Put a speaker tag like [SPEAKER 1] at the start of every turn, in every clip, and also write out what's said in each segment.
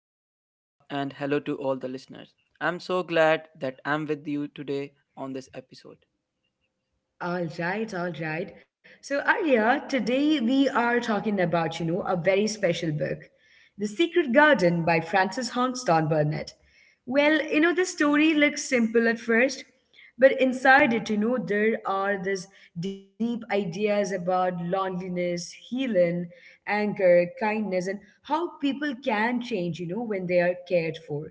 [SPEAKER 1] Hello, Dia,
[SPEAKER 2] Hmm?
[SPEAKER 1] and hello to all the listeners. I'm so glad that I'm with you today on this episode.
[SPEAKER 2] All right, all right. So, Arya, today we are talking about, a very special book, The Secret Garden by Frances Hongston Burnett. Well, the story looks simple at first, but
[SPEAKER 1] Mm-hmm.
[SPEAKER 2] inside it, there are these deep ideas about loneliness, healing, anger, kindness, and how people can change, when they are cared for.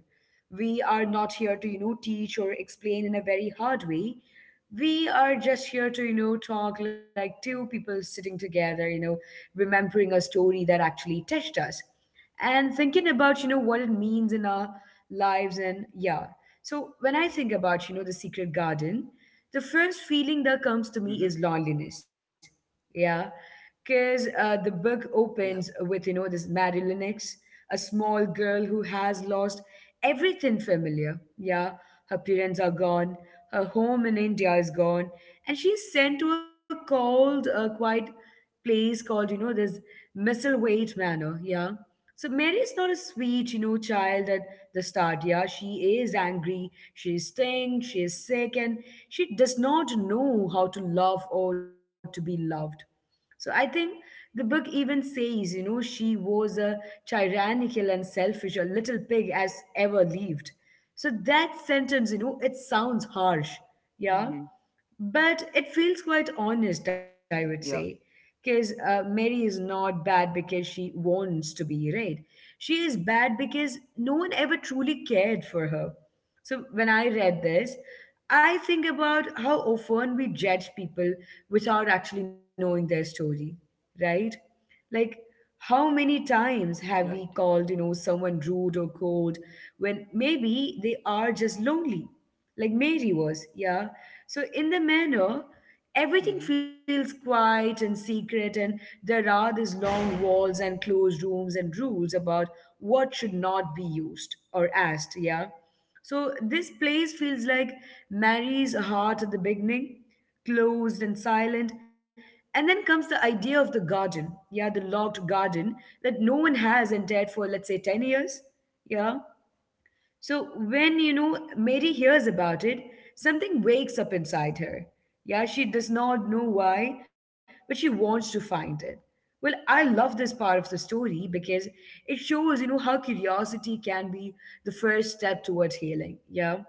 [SPEAKER 2] We are not here to, teach or explain in a very hard way. We are just here to, talk like two people sitting together, remembering a story that actually touched us and thinking about, what it means in our lives. And yeah. So when I think about, the secret garden, the first
[SPEAKER 1] Mm-hmm,
[SPEAKER 2] feeling that comes to me is loneliness. Yeah, because the book
[SPEAKER 1] yeah.
[SPEAKER 2] opens with this Mary Lennox, a small girl who has lost everything familiar. Yeah, her parents are gone, her home in India is gone, and she's sent to a cold, quiet place called, this Misselwaite Manor. Yeah. So Mary is not a sweet, child at the start. Yeah, she is angry, she is stung, she is sick, and she does not know how to love or to be loved. So I think the book even says, she was a tyrannical and selfish, a little pig as ever lived. So that sentence,
[SPEAKER 1] Mm-hmm.
[SPEAKER 2] it sounds harsh, yeah, but it
[SPEAKER 1] Yeah.
[SPEAKER 2] feels quite honest, I would say, because Mary is not bad because she wants to be, right? She is bad because no one ever truly cared for her. So when I read this, I think about how often we judge people without actually knowing their story, right? Like,
[SPEAKER 1] Right.
[SPEAKER 2] how many times have we called, someone rude or cold when maybe they are just lonely, like Mary was, yeah? So, in the
[SPEAKER 1] Mm-hmm.
[SPEAKER 2] manner, everything feels quiet and secret, and there are these long walls and closed rooms and rules about what should not be used or asked. Yeah. So this place feels like Mary's heart at the beginning, closed and silent. And then comes the idea of the garden, yeah, the locked garden that no one has entered for, let's say, 10 years. Yeah. So when, Mary hears about it, something wakes up inside her. Yeah, she does not know why, but she wants to find it. Well, I love this part of the story because it shows, how curiosity can be the first step towards healing. Yeah.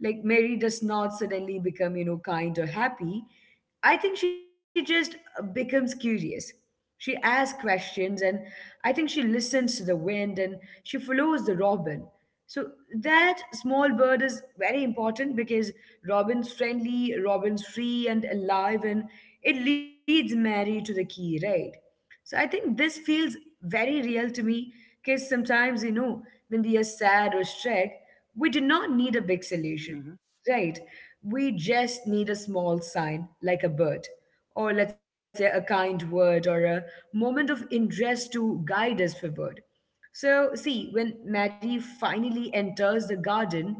[SPEAKER 2] Like Mary does not suddenly become, kind or happy. I think she just becomes curious. She asks questions and I think she listens to the wind and she follows the robin. So that small bird is very important because Robin's friendly, Robin's free and alive, and it leads Mary to the key, right? So I think this feels very real to me because sometimes, when we are sad or stressed, we do not need a
[SPEAKER 1] Mm-hmm.
[SPEAKER 2] big solution, right? We just need a small sign, like a bird, or let's say a kind word or a moment of interest to guide us forward. So, see, when Maddie finally enters the garden,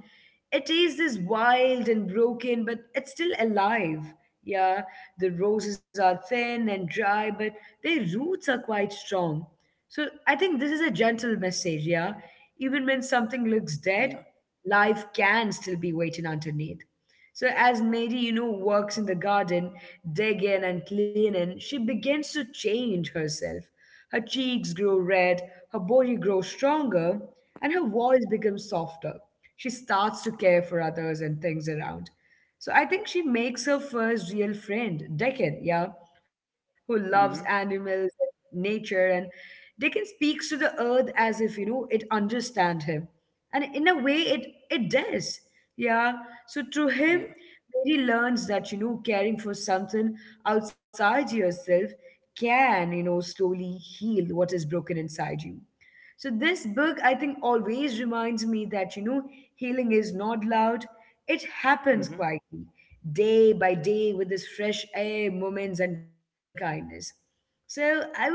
[SPEAKER 2] it is this wild and broken, but it's still alive. Yeah, the roses are thin and dry, but their roots are quite strong. So, I think this is a gentle message, yeah? Even when something
[SPEAKER 1] Yeah.
[SPEAKER 2] looks dead, life can still be waiting underneath. So, as Mary, works in the garden, digging and cleaning, she begins to change herself. Her cheeks grow red, her body grows stronger, and her voice becomes softer. She starts to care for others and things around. So I think she makes her first real friend, Deccan, yeah, who loves
[SPEAKER 1] Mm-hmm.
[SPEAKER 2] animals, nature, and Deccan speaks to the earth as if, it understands him. And in a way, it does. Yeah. So through him,
[SPEAKER 1] Yeah.
[SPEAKER 2] Mary learns that, caring for something outside yourself can, slowly heal what is broken inside you. So this book, I think, always reminds me that, healing is not loud. It
[SPEAKER 1] Mm-hmm.
[SPEAKER 2] happens quietly, day by day, with this fresh air, moments, and kindness. So I would say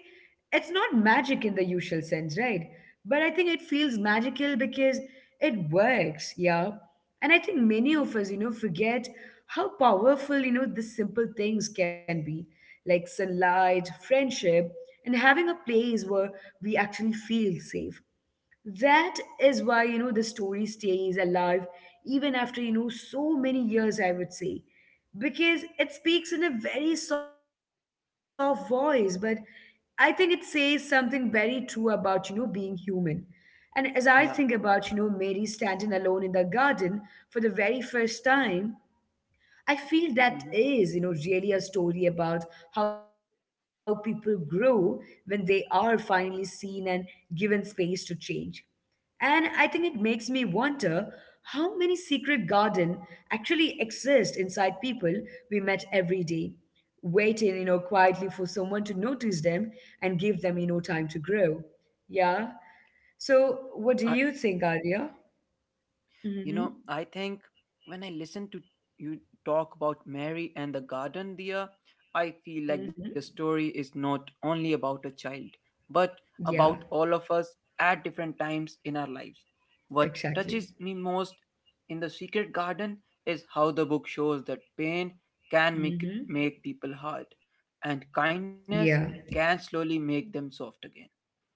[SPEAKER 2] it's not magic in the usual sense, right? But I think it feels magical because it works, yeah. And I think many of us, forget how powerful, the simple things can be, like sunlight, friendship, and having a place where we actually feel safe. That is why, the story stays alive even after, so many years, I would say, because it speaks in a very soft voice, but I think it says something very true about, being human. And as I think about,
[SPEAKER 1] Yeah.
[SPEAKER 2] Mary standing alone in the garden for the very first time, I feel that is,
[SPEAKER 1] Mm-hmm.
[SPEAKER 2] really a story about how people grow when they are finally seen and given space to change. And I think it makes me wonder how many secret garden actually exist inside people we met every day, waiting, quietly for someone to notice them and give them, time to grow. Yeah. So what do you think, Arya?
[SPEAKER 1] You
[SPEAKER 2] Mm-hmm.
[SPEAKER 1] know, I think when I listen to you talk about Mary and the garden, dear, I feel like the
[SPEAKER 2] Mm-hmm.
[SPEAKER 1] story is not only about a child, but about
[SPEAKER 2] Yeah,
[SPEAKER 1] all of us at different times in our lives. What touches
[SPEAKER 2] exactly.
[SPEAKER 1] me most in The Secret Garden is how the book shows that pain can make,
[SPEAKER 2] Mm-hmm.
[SPEAKER 1] make people hard, and
[SPEAKER 2] Yeah.
[SPEAKER 1] kindness can slowly make them soft again.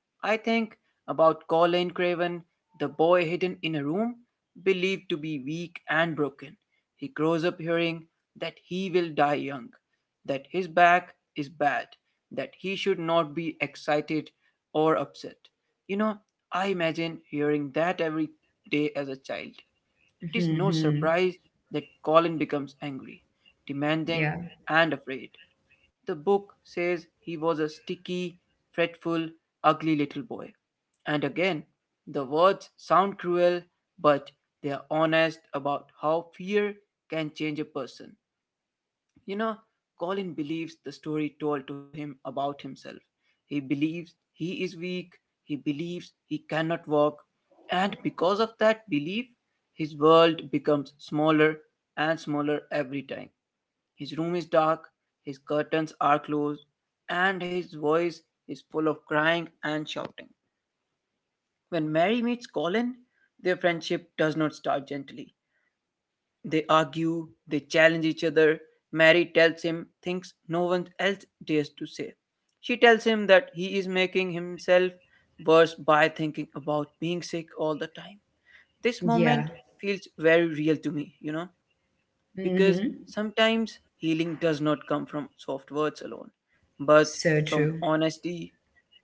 [SPEAKER 1] I think about Colin Craven, the boy hidden in a room, believed to be weak and broken. He grows up hearing that he will die young, that his back is bad, that he should not be excited or upset. You know, I imagine hearing that every day as a child. It is no
[SPEAKER 2] Mm-hmm.
[SPEAKER 1] surprise that Colin becomes angry, demanding,
[SPEAKER 2] Yeah.
[SPEAKER 1] and afraid. The book says he was a sticky, fretful, ugly little boy. And again, the words sound cruel, but they are honest about how fear can change a person. You know, Colin believes the story told to him about himself. He believes he is weak, he believes he cannot walk, and because of that belief, his world becomes smaller and smaller every time. His room is dark, his curtains are closed, and his voice is full of crying and shouting. When Mary meets Colin, their friendship does not start gently. They argue, they challenge each other. Mary tells him things no one else dares to say. She tells him that he is making himself worse by thinking about being sick all the time. This
[SPEAKER 2] Yeah.
[SPEAKER 1] moment feels very real to me,
[SPEAKER 2] Mm-hmm.
[SPEAKER 1] because sometimes healing does not come from soft words alone,
[SPEAKER 2] So
[SPEAKER 1] but
[SPEAKER 2] true.
[SPEAKER 1] from honesty,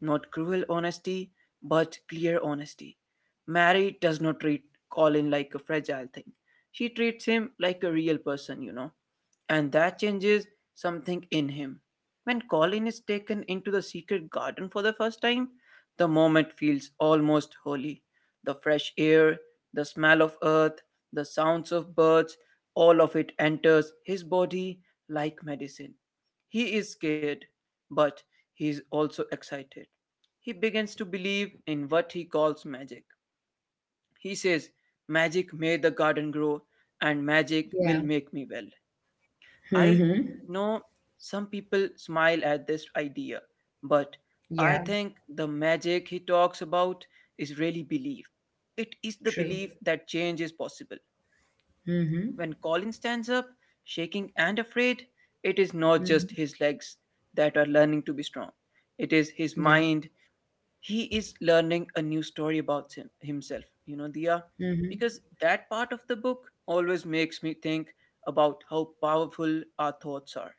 [SPEAKER 1] not cruel honesty, but clear honesty. Mary does not treat Colin like a fragile thing. She treats him like a real person, and that changes something in him. When Colin is taken into the secret garden for the first time, the moment feels almost holy. The fresh air, the smell of earth, the sounds of birds, all of it enters his body like medicine. He is scared, but he is also excited. He begins to believe in what he calls magic. He says, "Magic made the garden grow, and magic
[SPEAKER 2] Yeah.
[SPEAKER 1] will make me well." I
[SPEAKER 2] Mm-hmm.
[SPEAKER 1] know some people smile at this idea, but
[SPEAKER 2] Yeah.
[SPEAKER 1] I think the magic he talks about is really belief. It is the
[SPEAKER 2] True.
[SPEAKER 1] belief that change is possible.
[SPEAKER 2] Mm-hmm.
[SPEAKER 1] When Colin stands up, shaking and afraid, it is not just
[SPEAKER 2] Hmm.
[SPEAKER 1] his legs that are learning to be strong, it is his
[SPEAKER 2] Yeah.
[SPEAKER 1] mind. He is learning a new story about himself, Dia,
[SPEAKER 2] Mm-hmm.
[SPEAKER 1] because that part of the book always makes me think about how powerful our thoughts are.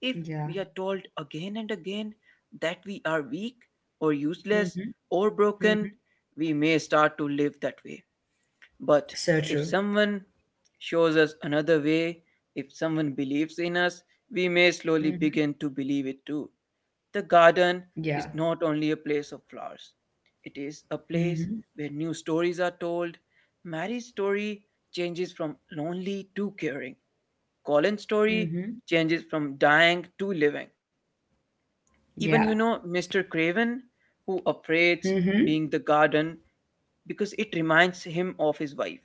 [SPEAKER 1] If we
[SPEAKER 2] Yeah.
[SPEAKER 1] are told again and again that we are weak or useless
[SPEAKER 2] Mm-hmm.
[SPEAKER 1] or
[SPEAKER 2] Mm-hmm.
[SPEAKER 1] broken, we may start to live that way. But
[SPEAKER 2] So true.
[SPEAKER 1] if someone shows us another way, if someone believes in us, we may slowly
[SPEAKER 2] Mm-hmm.
[SPEAKER 1] begin to believe it too. The
[SPEAKER 2] Yeah.
[SPEAKER 1] garden is not only a place of flowers, it is a
[SPEAKER 2] Mm-hmm.
[SPEAKER 1] place where new stories are told. Mary's story changes from lonely to caring. Colin's story
[SPEAKER 2] Mm-hmm.
[SPEAKER 1] changes from dying to living.
[SPEAKER 2] Yeah.
[SPEAKER 1] Even Mr. Craven, who operates
[SPEAKER 2] Mm-hmm.
[SPEAKER 1] being the garden, because it reminds him of his wife.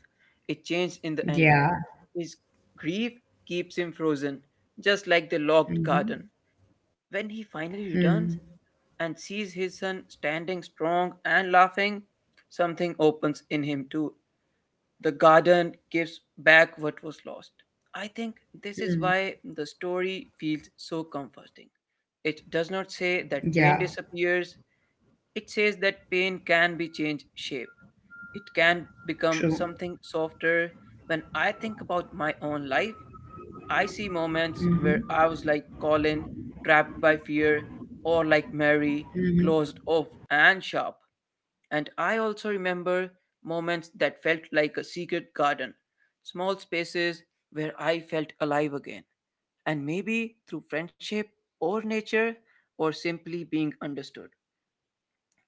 [SPEAKER 1] It changed in the end.
[SPEAKER 2] Yeah.
[SPEAKER 1] His grief keeps him frozen, just like the locked
[SPEAKER 2] Mm-hmm.
[SPEAKER 1] garden. When he
[SPEAKER 2] Mm-hmm.
[SPEAKER 1] finally returns and sees his son standing strong and laughing, something opens in him too. The garden gives back what was lost. I think this is why the story feels so comforting. It does not
[SPEAKER 2] Yeah.
[SPEAKER 1] say that pain disappears, it says that pain can be changed shape. It can
[SPEAKER 2] True.
[SPEAKER 1] become something softer. When I think about my own life, I see moments
[SPEAKER 2] Mm-hmm.
[SPEAKER 1] where I was like Colin, trapped by fear, or like Mary,
[SPEAKER 2] Mm-hmm.
[SPEAKER 1] closed off and sharp. And I also remember moments that felt like a secret garden, small spaces where I felt alive again. And maybe through friendship or nature or simply being understood.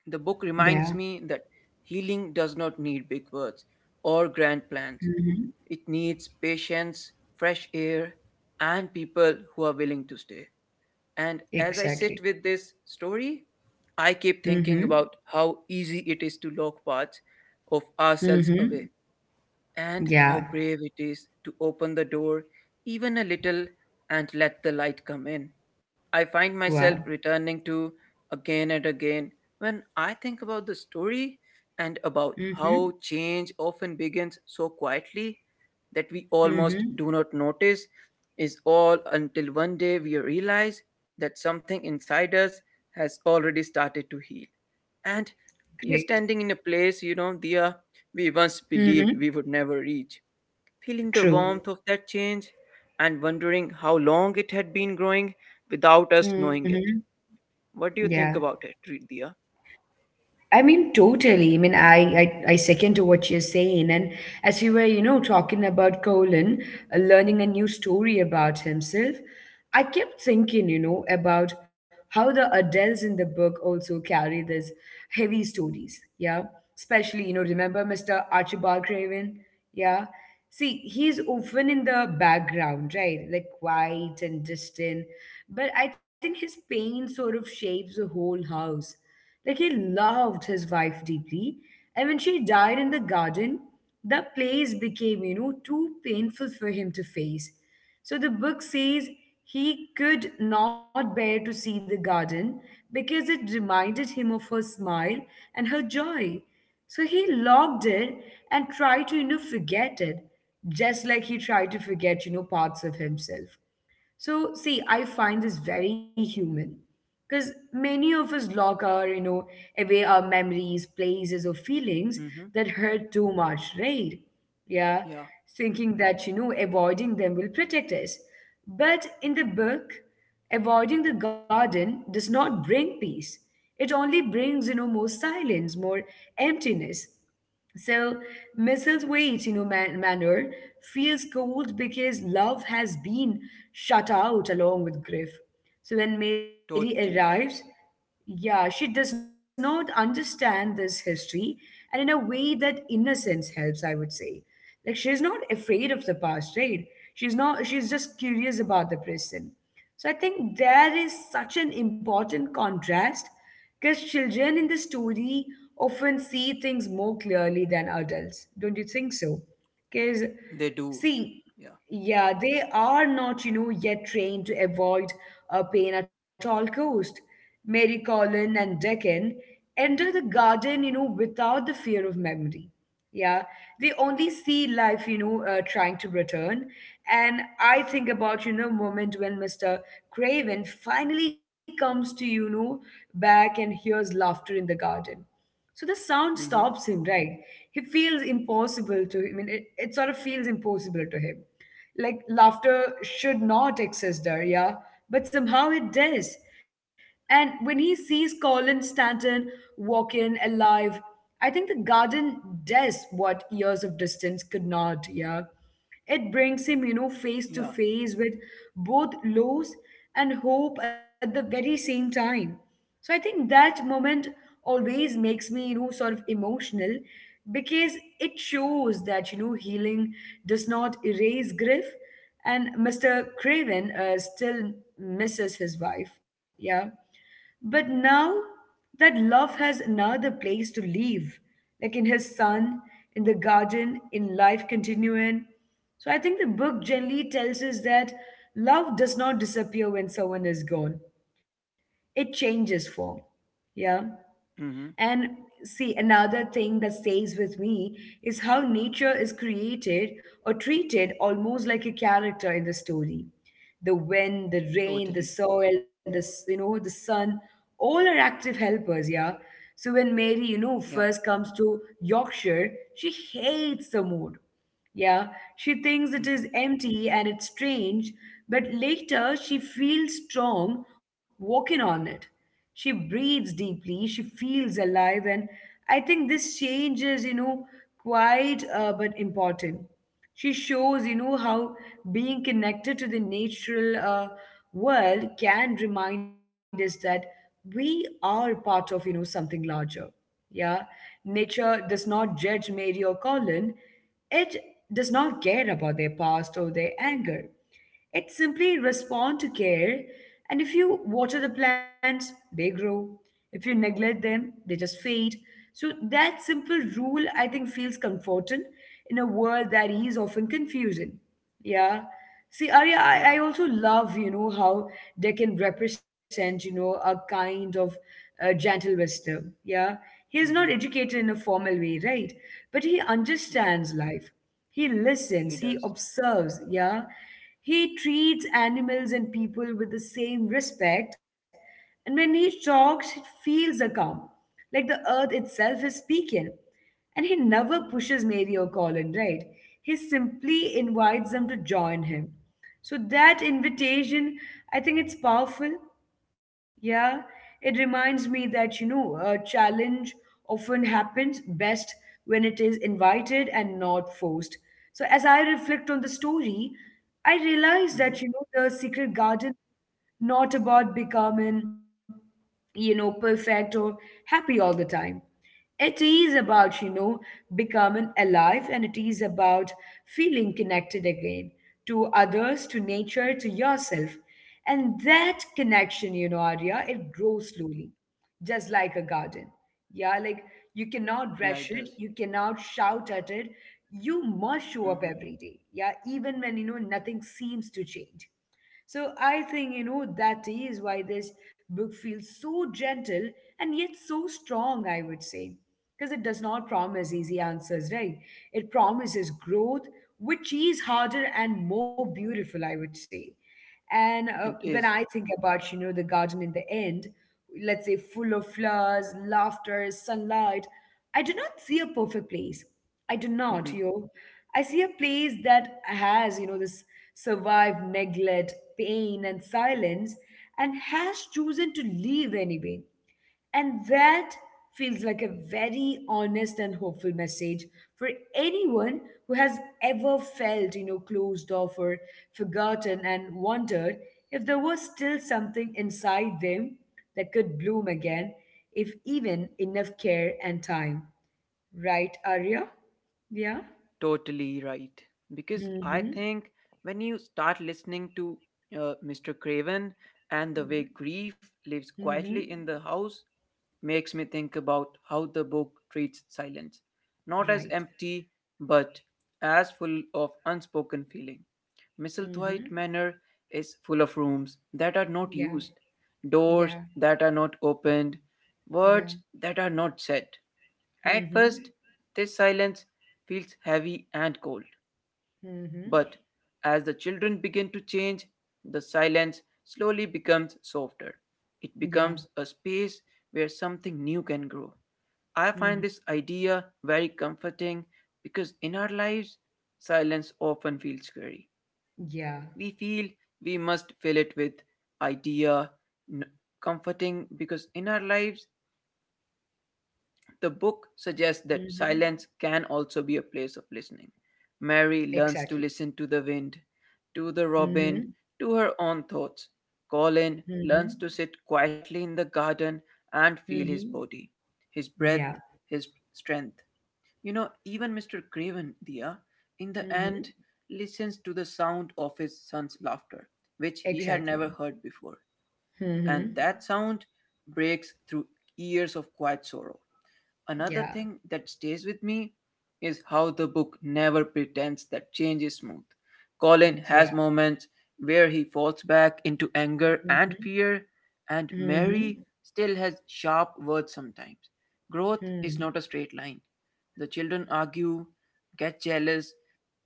[SPEAKER 1] The book
[SPEAKER 2] Yeah.
[SPEAKER 1] reminds me that healing does not need big words or grand plans.
[SPEAKER 2] Mm-hmm.
[SPEAKER 1] It needs patience, fresh air, and people who are willing to stay. And as I
[SPEAKER 2] Exactly.
[SPEAKER 1] sit with this story, I keep
[SPEAKER 2] Mm-hmm.
[SPEAKER 1] thinking about how easy it is to lock parts of ourselves
[SPEAKER 2] Mm-hmm.
[SPEAKER 1] away and
[SPEAKER 2] Yeah.
[SPEAKER 1] how brave it is to open the door even a little and let the light come in. I find
[SPEAKER 2] Wow.
[SPEAKER 1] myself returning to again and again when I think about the story and about
[SPEAKER 2] Mm-hmm.
[SPEAKER 1] how change often begins so quietly that we almost
[SPEAKER 2] Mm-hmm.
[SPEAKER 1] do not notice is all until one day we realize that something inside us has already started to heal and we are
[SPEAKER 2] Great.
[SPEAKER 1] standing in a place dear we once
[SPEAKER 2] Mm-hmm.
[SPEAKER 1] believed we would never reach, feeling the
[SPEAKER 2] True.
[SPEAKER 1] warmth of that change and wondering how long it had been growing without us knowing
[SPEAKER 2] Mm-hmm.
[SPEAKER 1] it. What do you
[SPEAKER 2] Yeah.
[SPEAKER 1] think about it, dear?
[SPEAKER 2] I mean, totally. I mean, I second to what you're saying. And as you were, talking about Colin, learning a new story about himself, I kept thinking, about how the adults in the book also carry these heavy stories. Yeah. Especially, remember Mr. Archibald Craven? Yeah. See, he's often in the background, right? Like quiet and distant. But I think his pain sort of shapes the whole house. Like he loved his wife deeply. And when she died in the garden, the place became, too painful for him to face. So the book says he could not bear to see the garden because it reminded him of her smile and her joy. So he locked it and tried to, forget it, just like he tried to forget, parts of himself. So, see, I find this very human because many of us lock our, away our memories, places, or feelings
[SPEAKER 1] Mm-hmm.
[SPEAKER 2] that hurt too much, right? Yeah,
[SPEAKER 1] Yeah,
[SPEAKER 2] thinking that, avoiding them will protect us. But in the book, avoiding the garden does not bring peace. It only brings, more silence, more emptiness. So Mrs. Waite's, manner feels cold because love has been shut out along with grief. So when Mary
[SPEAKER 1] totally.
[SPEAKER 2] arrives, yeah, she does not understand this history, and in a way that innocence helps, I would say. Like she's not afraid of the past, right? She's not. She's just curious about the present. So I think there is such an important contrast because children in the story often see things more clearly than adults. Don't you think so? Because,
[SPEAKER 1] They do.
[SPEAKER 2] see,
[SPEAKER 1] Yeah.
[SPEAKER 2] yeah, they are not, yet trained to avoid pain at all cost. Mary Colin and Deccan enter the garden, without the fear of memory. Yeah, they only see life, trying to return. And I think about, moment when Mr. Craven finally comes to, back and hears laughter in the garden. So the
[SPEAKER 1] Mm-hmm.
[SPEAKER 2] sound stops him, right? He feels impossible to I mean, it sort of feels impossible to him. Like laughter should not exist there, yeah? But somehow it does. And when he sees Colin Stanton walk in alive, I think the garden does what years of distance could not, yeah? It brings him,
[SPEAKER 1] Yeah.
[SPEAKER 2] face to face with both loss and hope at the very same time. So I think that moment always makes me, sort of emotional because it shows that, healing does not erase grief and Mr. Craven still misses his wife. Yeah. But now that love has another place to live, like in his son, in the garden, in life continuing. So I think the book generally tells us that love does not disappear when someone is gone, it changes form. Yeah.
[SPEAKER 1] Mm-hmm.
[SPEAKER 2] And see, another thing that stays with me is how nature is created or treated almost like a character in the story. The wind, the
[SPEAKER 1] Totally.
[SPEAKER 2] rain, the soil, the s- you know, the sun, all are active helpers, yeah. So when Mary,
[SPEAKER 1] Yeah.
[SPEAKER 2] first comes to Yorkshire, she hates the mood, yeah, she thinks
[SPEAKER 1] Mm-hmm.
[SPEAKER 2] it is empty and it's strange, but later she feels strong walking on it. She breathes deeply, she feels alive, and I think this change is, quite, but important. She shows, how being connected to the natural world can remind us that we are part of, something larger. Yeah, nature does not judge Mary or Colin. It does not care about their past or their anger. It simply responds to care, and if you water the plants, they grow. If you neglect them, they just fade. So that simple rule, I think, feels comforting in a world that is often confusing. Yeah. See, Arya,
[SPEAKER 1] Yeah.
[SPEAKER 2] I also love, how they can represent, a kind of gentle wisdom. Yeah. He is not
[SPEAKER 1] Mm-hmm.
[SPEAKER 2] educated in a formal way, right? But he
[SPEAKER 1] Yeah.
[SPEAKER 2] understands life. He
[SPEAKER 1] He
[SPEAKER 2] listens. He
[SPEAKER 1] does.
[SPEAKER 2] observes. Yeah. He treats animals and people with the same respect. And when he talks, it feels a calm. Like the earth itself is speaking. And he never pushes Mary or Colin, right? He simply invites them to join him. So that invitation, I think it's powerful. Yeah, it reminds me that, a challenge often happens best when it is invited and not forced. So as I reflect on the story, I realize
[SPEAKER 1] Mm-hmm.
[SPEAKER 2] that, the secret garden not about becoming, perfect or happy all the time. It is about, becoming alive and it is about feeling connected again to others, to nature, to yourself. And that connection, Arya, it grows slowly, just like a garden. Yeah, like you cannot
[SPEAKER 1] Yeah,
[SPEAKER 2] rush
[SPEAKER 1] it
[SPEAKER 2] it,
[SPEAKER 1] does.
[SPEAKER 2] you cannot shout at it. You must show up
[SPEAKER 1] Mm-hmm.
[SPEAKER 2] every day. Yeah, even when, nothing seems to change. So I think, that is why this book feels so gentle and yet so strong, I would say. Because it does not promise easy answers, right? It promises growth, which is harder and more beautiful, I would say. And
[SPEAKER 1] It
[SPEAKER 2] when I
[SPEAKER 1] is.
[SPEAKER 2] think about, the garden in the end, let's say full of flowers, laughter, sunlight, I do not see a perfect place. I do not,
[SPEAKER 1] Mm-hmm.
[SPEAKER 2] yo. I see a place that has, you know, this survived neglect, pain, and silence, and has chosen to leave anyway. And that feels like a very honest and hopeful message for anyone who has ever felt, closed off or forgotten and wondered if there was still something inside them that could bloom again, if even enough care and time. Right, Arya? Yeah.
[SPEAKER 1] Totally right. Because I
[SPEAKER 2] Mm-hmm.
[SPEAKER 1] think when you start listening to Mr. Craven and the way grief lives quietly in the
[SPEAKER 2] Mm-hmm.
[SPEAKER 1] house, makes me think about how the book treats silence, not as
[SPEAKER 2] Right.
[SPEAKER 1] empty, but as full of unspoken feeling.
[SPEAKER 2] Mm-hmm.
[SPEAKER 1] Misselthwaite Manor is full of rooms that are not
[SPEAKER 2] Yeah.
[SPEAKER 1] used, doors
[SPEAKER 2] Yeah.
[SPEAKER 1] that are not opened,
[SPEAKER 2] Yeah.
[SPEAKER 1] words that are not said. At first,
[SPEAKER 2] Mm-hmm.
[SPEAKER 1] this silence feels heavy and cold,
[SPEAKER 2] Mm-hmm.
[SPEAKER 1] but as the children begin to change, the silence slowly becomes softer. It
[SPEAKER 2] Yeah.
[SPEAKER 1] becomes a space where something new can grow. I find
[SPEAKER 2] Mm-hmm.
[SPEAKER 1] this idea very comforting because in our lives, silence often feels scary.
[SPEAKER 2] Yeah.
[SPEAKER 1] We feel we must fill it with idea, n- comforting because in our lives, the book suggests
[SPEAKER 2] Mm-hmm.
[SPEAKER 1] that silence can also be a place of listening. Mary
[SPEAKER 2] Exactly.
[SPEAKER 1] learns to listen to the wind, to the
[SPEAKER 2] Mm-hmm.
[SPEAKER 1] robin, to her own thoughts. Colin
[SPEAKER 2] Mm-hmm.
[SPEAKER 1] learns to sit quietly in the garden and feel his
[SPEAKER 2] Mm-hmm.
[SPEAKER 1] body, his
[SPEAKER 2] Yeah.
[SPEAKER 1] breath, his strength. You know, even Mr. Craven, Dia, in the
[SPEAKER 2] Mm-hmm.
[SPEAKER 1] end, listens to the sound of his son's laughter, which he had
[SPEAKER 2] Exactly.
[SPEAKER 1] never heard before. And
[SPEAKER 2] Mm-hmm.
[SPEAKER 1] that sound breaks through years of quiet sorrow.
[SPEAKER 2] Yeah.
[SPEAKER 1] Another thing that stays with me is how the book never pretends that change is smooth. Colin
[SPEAKER 2] Yeah.
[SPEAKER 1] has moments where he falls back into anger and
[SPEAKER 2] Mm-hmm.
[SPEAKER 1] fear, and
[SPEAKER 2] Mm-hmm.
[SPEAKER 1] Mary still has sharp words sometimes. Growth is
[SPEAKER 2] Mm.
[SPEAKER 1] not a straight line. The children argue, get jealous,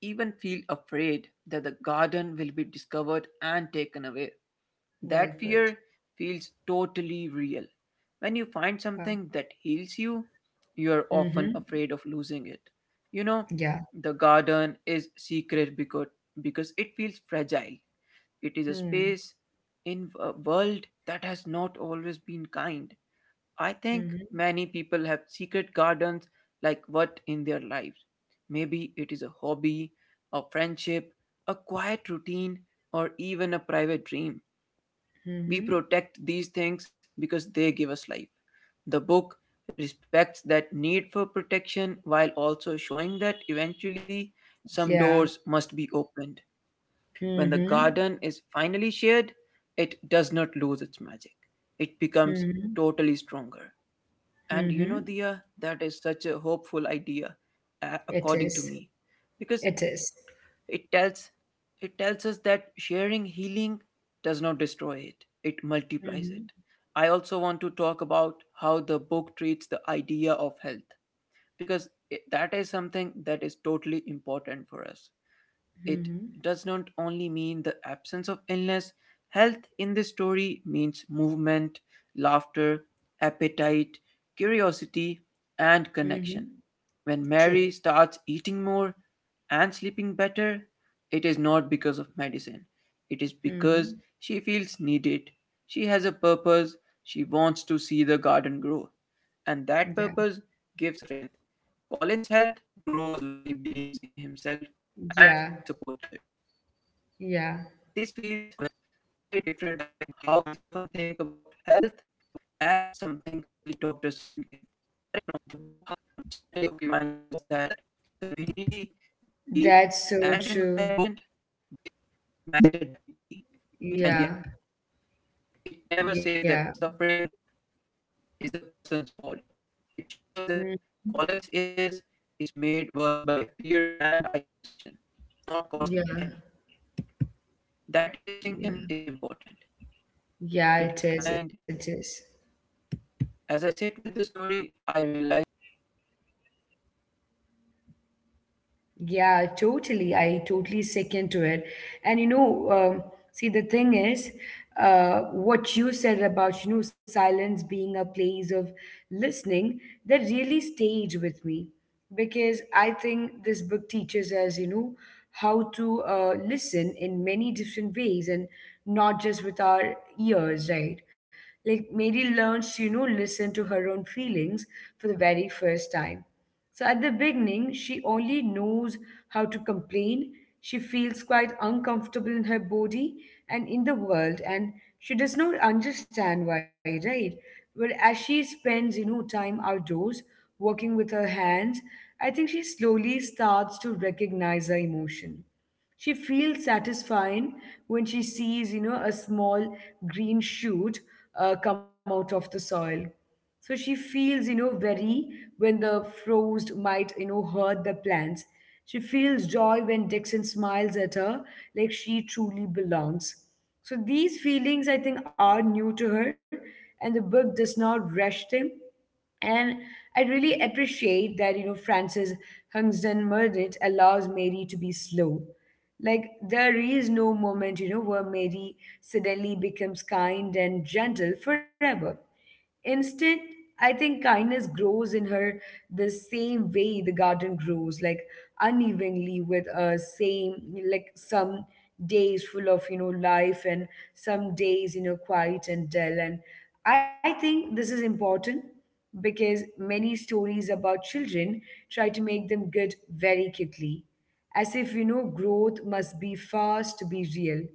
[SPEAKER 1] even feel afraid that the garden will be discovered and taken away.
[SPEAKER 2] Well
[SPEAKER 1] That
[SPEAKER 2] put.
[SPEAKER 1] fear feels totally real. When you find
[SPEAKER 2] Wow.
[SPEAKER 1] something that heals you, you are often
[SPEAKER 2] Mm-hmm.
[SPEAKER 1] afraid of losing it. You know,
[SPEAKER 2] Yeah.
[SPEAKER 1] the garden is secret because it feels fragile. It is a
[SPEAKER 2] Hmm.
[SPEAKER 1] space in a world that has not always been kind. I think
[SPEAKER 2] Mm-hmm.
[SPEAKER 1] many people have secret gardens like what in their lives. Maybe it is a hobby, a friendship, a quiet routine, or even a private dream. We
[SPEAKER 2] Mm-hmm.
[SPEAKER 1] protect these things because they give us life. The book respects that need for protection while also showing that eventually some
[SPEAKER 2] Yeah.
[SPEAKER 1] doors must be opened. When the
[SPEAKER 2] Mhm.
[SPEAKER 1] garden is finally shared, it does not lose its magic. It becomes
[SPEAKER 2] Mhm.
[SPEAKER 1] totally stronger. And you know,
[SPEAKER 2] Mhm.
[SPEAKER 1] Dia, that is such a hopeful idea,
[SPEAKER 2] It
[SPEAKER 1] according to
[SPEAKER 2] is.
[SPEAKER 1] me. Because
[SPEAKER 2] It is.
[SPEAKER 1] it tells it tells us that sharing healing does not destroy it. It multiplies it.
[SPEAKER 2] Mhm.
[SPEAKER 1] I also want to talk about how the book treats the idea of health because it, that is something that is totally important for us. It
[SPEAKER 2] Mhm.
[SPEAKER 1] does not only mean the absence of illness, health in this story means movement, laughter, appetite, curiosity, and connection.
[SPEAKER 2] Mhm.
[SPEAKER 1] When
[SPEAKER 2] True.
[SPEAKER 1] Mary starts eating more and sleeping better, it is not because of medicine. It is because
[SPEAKER 2] Mhm.
[SPEAKER 1] she feels needed. She has a purpose. She wants to see the garden grow. And that
[SPEAKER 2] Yeah.
[SPEAKER 1] purpose gives her strength. Colin's health grows when he believes in himself
[SPEAKER 2] Yeah.
[SPEAKER 1] and feels supported.
[SPEAKER 2] Yeah.
[SPEAKER 1] This feels very different from how we often think about health as something only doctors can give. The book gently reminds us that community,
[SPEAKER 2] That's
[SPEAKER 1] belief,
[SPEAKER 2] so true.
[SPEAKER 1] and environment matter deeply,
[SPEAKER 2] Yeah.
[SPEAKER 1] and yet it
[SPEAKER 2] Yeah.
[SPEAKER 1] never says that suffering is the person's fault. It
[SPEAKER 2] Mm.
[SPEAKER 1] shows that Colin's illness is made worse by fear and isolation,
[SPEAKER 2] Yeah.
[SPEAKER 1] not caused by him. That
[SPEAKER 2] Yeah.
[SPEAKER 1] distinction is important.
[SPEAKER 2] Yeah, it
[SPEAKER 1] It
[SPEAKER 2] is.
[SPEAKER 1] is
[SPEAKER 2] It
[SPEAKER 1] kind.
[SPEAKER 2] is.
[SPEAKER 1] As I sit with the story, I realize that its power comes from how quietly
[SPEAKER 2] Yeah,
[SPEAKER 1] it respects
[SPEAKER 2] totally. I
[SPEAKER 1] human
[SPEAKER 2] totally
[SPEAKER 1] struggle.
[SPEAKER 2] second to it.
[SPEAKER 1] It does not
[SPEAKER 2] And you
[SPEAKER 1] shout
[SPEAKER 2] know,
[SPEAKER 1] lessons,
[SPEAKER 2] um,
[SPEAKER 1] it
[SPEAKER 2] see, the thing
[SPEAKER 1] whispers them.
[SPEAKER 2] is, what you said about, silence being a place of listening, that really stayed with me because I think this book teaches us, how to listen in many different ways and not just with our ears, right? Like Mary learns to, listen to her own feelings for the very first time, so at the beginning, she only knows how to complain. She feels quite uncomfortable in her body and in the world, and she does not understand why, right? But as she spends, time outdoors, working with her hands, I think she slowly starts to recognize her emotion. She feels satisfied when she sees, a small green shoot come out of the soil. So she feels, very when the frost might, hurt the plants. She feels joy when Dixon smiles at her like she truly belongs. So these feelings, I think, are new to her, and the book does not rush them. And I really appreciate that, Francis Hungsden Meredith allows Mary to be slow. Like, there is no moment, where Mary suddenly becomes kind and gentle forever. Instead, I think kindness grows in her the same way the garden grows, like unevenly with a same, like some days full of, life and some days, quiet and dull. And I think this is important because many stories about children try to make them good very quickly, as if you know growth must be fast to be real.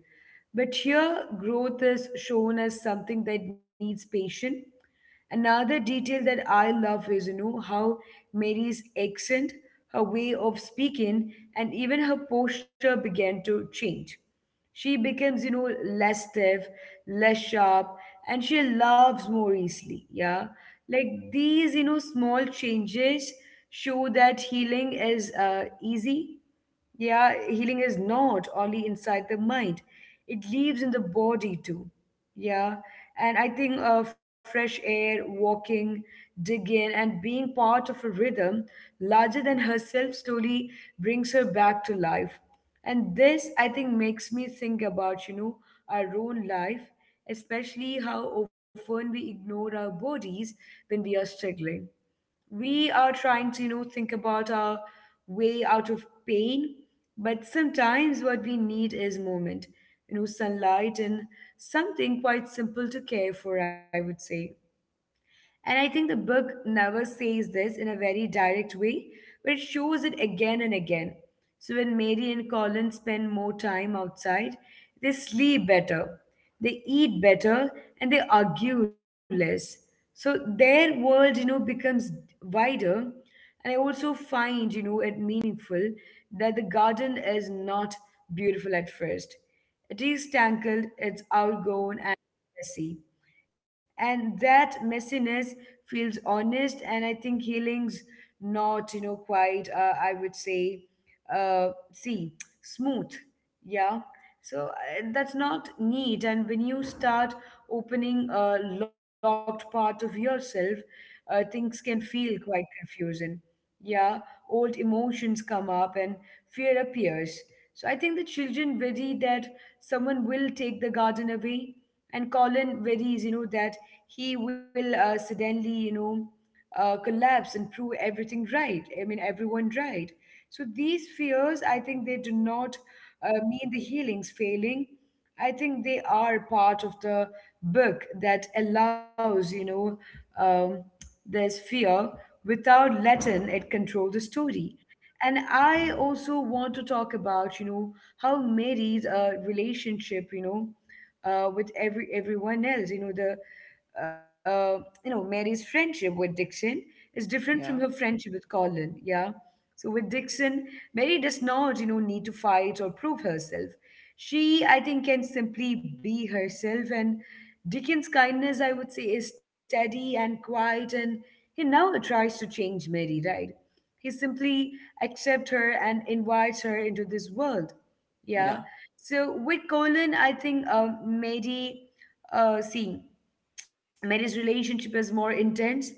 [SPEAKER 2] But here, growth is shown as something that needs patience. Another detail that I love is, how Mary's accent, her way of speaking, and even her posture began to change. She becomes, less stiff, less sharp, and she loves more easily. Yeah. Like these, small changes show that healing is easy. Yeah. Healing is not only inside the mind, it lives in the body too. Yeah. And I think fresh air, walking, digging, and being part of a rhythm larger than herself slowly brings her back to life. And this, I think, makes me think about, our own life, especially how often we ignore our bodies when we are struggling. We are trying to, think about our way out of pain, but sometimes what we need is moment, sunlight and something quite simple to care for, I would say. And I think the book never says this in a very direct way, but it shows it again and again. So when Mary and Colin spend more time outside, they sleep better, they eat better, and they argue less. So their world, becomes wider. And I also find, it meaningful that the garden is not beautiful at first. It is tangled, it's outgrown and messy, and that messiness feels honest. And I think healing's not, quite, I would say, see, smooth. Yeah. So, that's not neat. And when you start opening a locked part of yourself, things can feel quite confusing. Yeah, old emotions come up and fear appears. So I think the children worry that someone will take the garden away, and Colin worries, that he will suddenly, collapse and prove everything right. I mean, everyone right. So these fears, I think, they do not mean the healing's failing. I think they are part of the book that allows, um, this fear without letting it control the story. And I also want to talk about, how Mary's relationship, with everyone else, you know, the you know Mary's friendship with Dixon is different from her friendship with Colin. Yeah. So with Dixon, Mary does not, need to fight or prove herself. She, I think, can simply be herself, and Dickens' kindness, I would say, is steady and quiet, and he never tries to change Mary, right? He simply accepts her and invites her into this world. Yeah. So with Colin, I think Mary, see. Mary's relationship is more intense.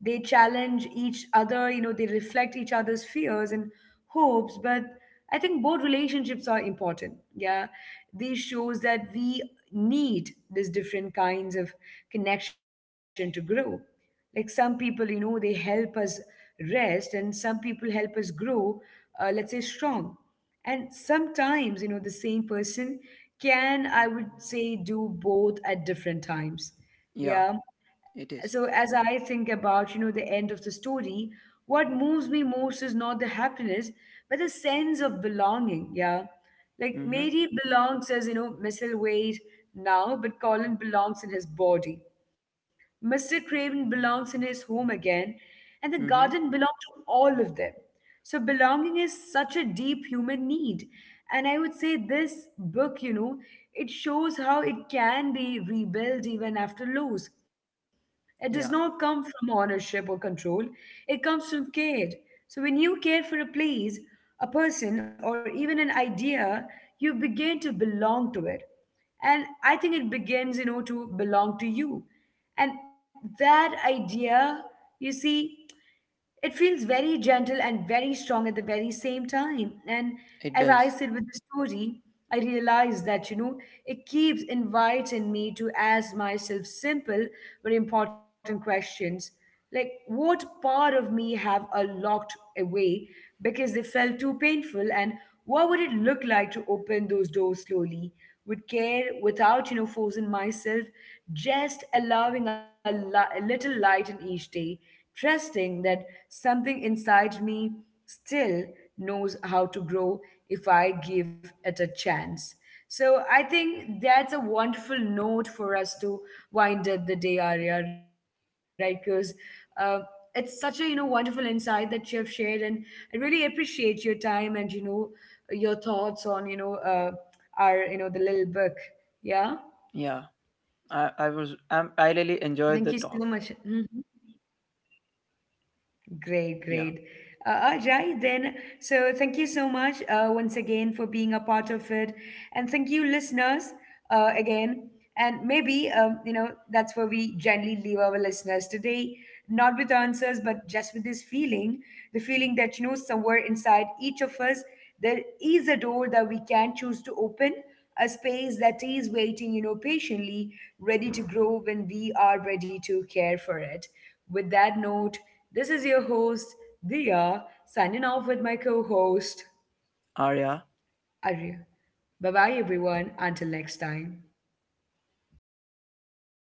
[SPEAKER 2] They challenge each other, they reflect each other's fears and hopes. But I think both relationships are important. Yeah. This shows that we need these different kinds of connection to grow. Like some people, they help us rest, and some people help us grow, let's say, strong. And sometimes, the same person can, I would say, do both at different times. Yeah. So as I think about, the end of the story, what moves me most is not the happiness, but the sense of belonging. Yeah. Like Mary belongs as, Missile Wade now, but Colin belongs in his body. Mr. Craven belongs in his home again, and the garden belongs to all of them. So, belonging is such a deep human need. And I would say this book, it shows how it can be rebuilt even after loss. It does not come from ownership or control, it comes from care. So, when you care for a place, a person, or even an idea, you begin to belong to it, and I think it begins, to belong to you, and that idea, you see, it feels very gentle and very strong at the very same time. And as I sit with the story, I realize that, it keeps inviting me to ask myself simple but important questions. Like, what part of me have I locked away because they felt too painful? And what would it look like to open those doors slowly, with care, without, forcing myself, just allowing a little light in each day? Trusting that something inside me still knows how to grow if I give it a chance. So I think that's a wonderful note for us to wind up the day, Arya, right? Because uh, it's such a wonderful insight that you have shared, and I really appreciate your time and your thoughts on our the little book. Yeah, thank you so much. Mhm. Great, great. Ajay, then, so thank you so much once again for being a part of it. And thank you, listeners, again. And maybe, that's where we gently leave our listeners today, not with answers, but just with this feeling, the feeling that, somewhere inside each of us, there is a door that we can choose to open, a space that is waiting, patiently, ready to grow when we are ready to care for it. With that note, this is your host, Dia, signing off with my co host, Arya. Bye bye, everyone. Until next time.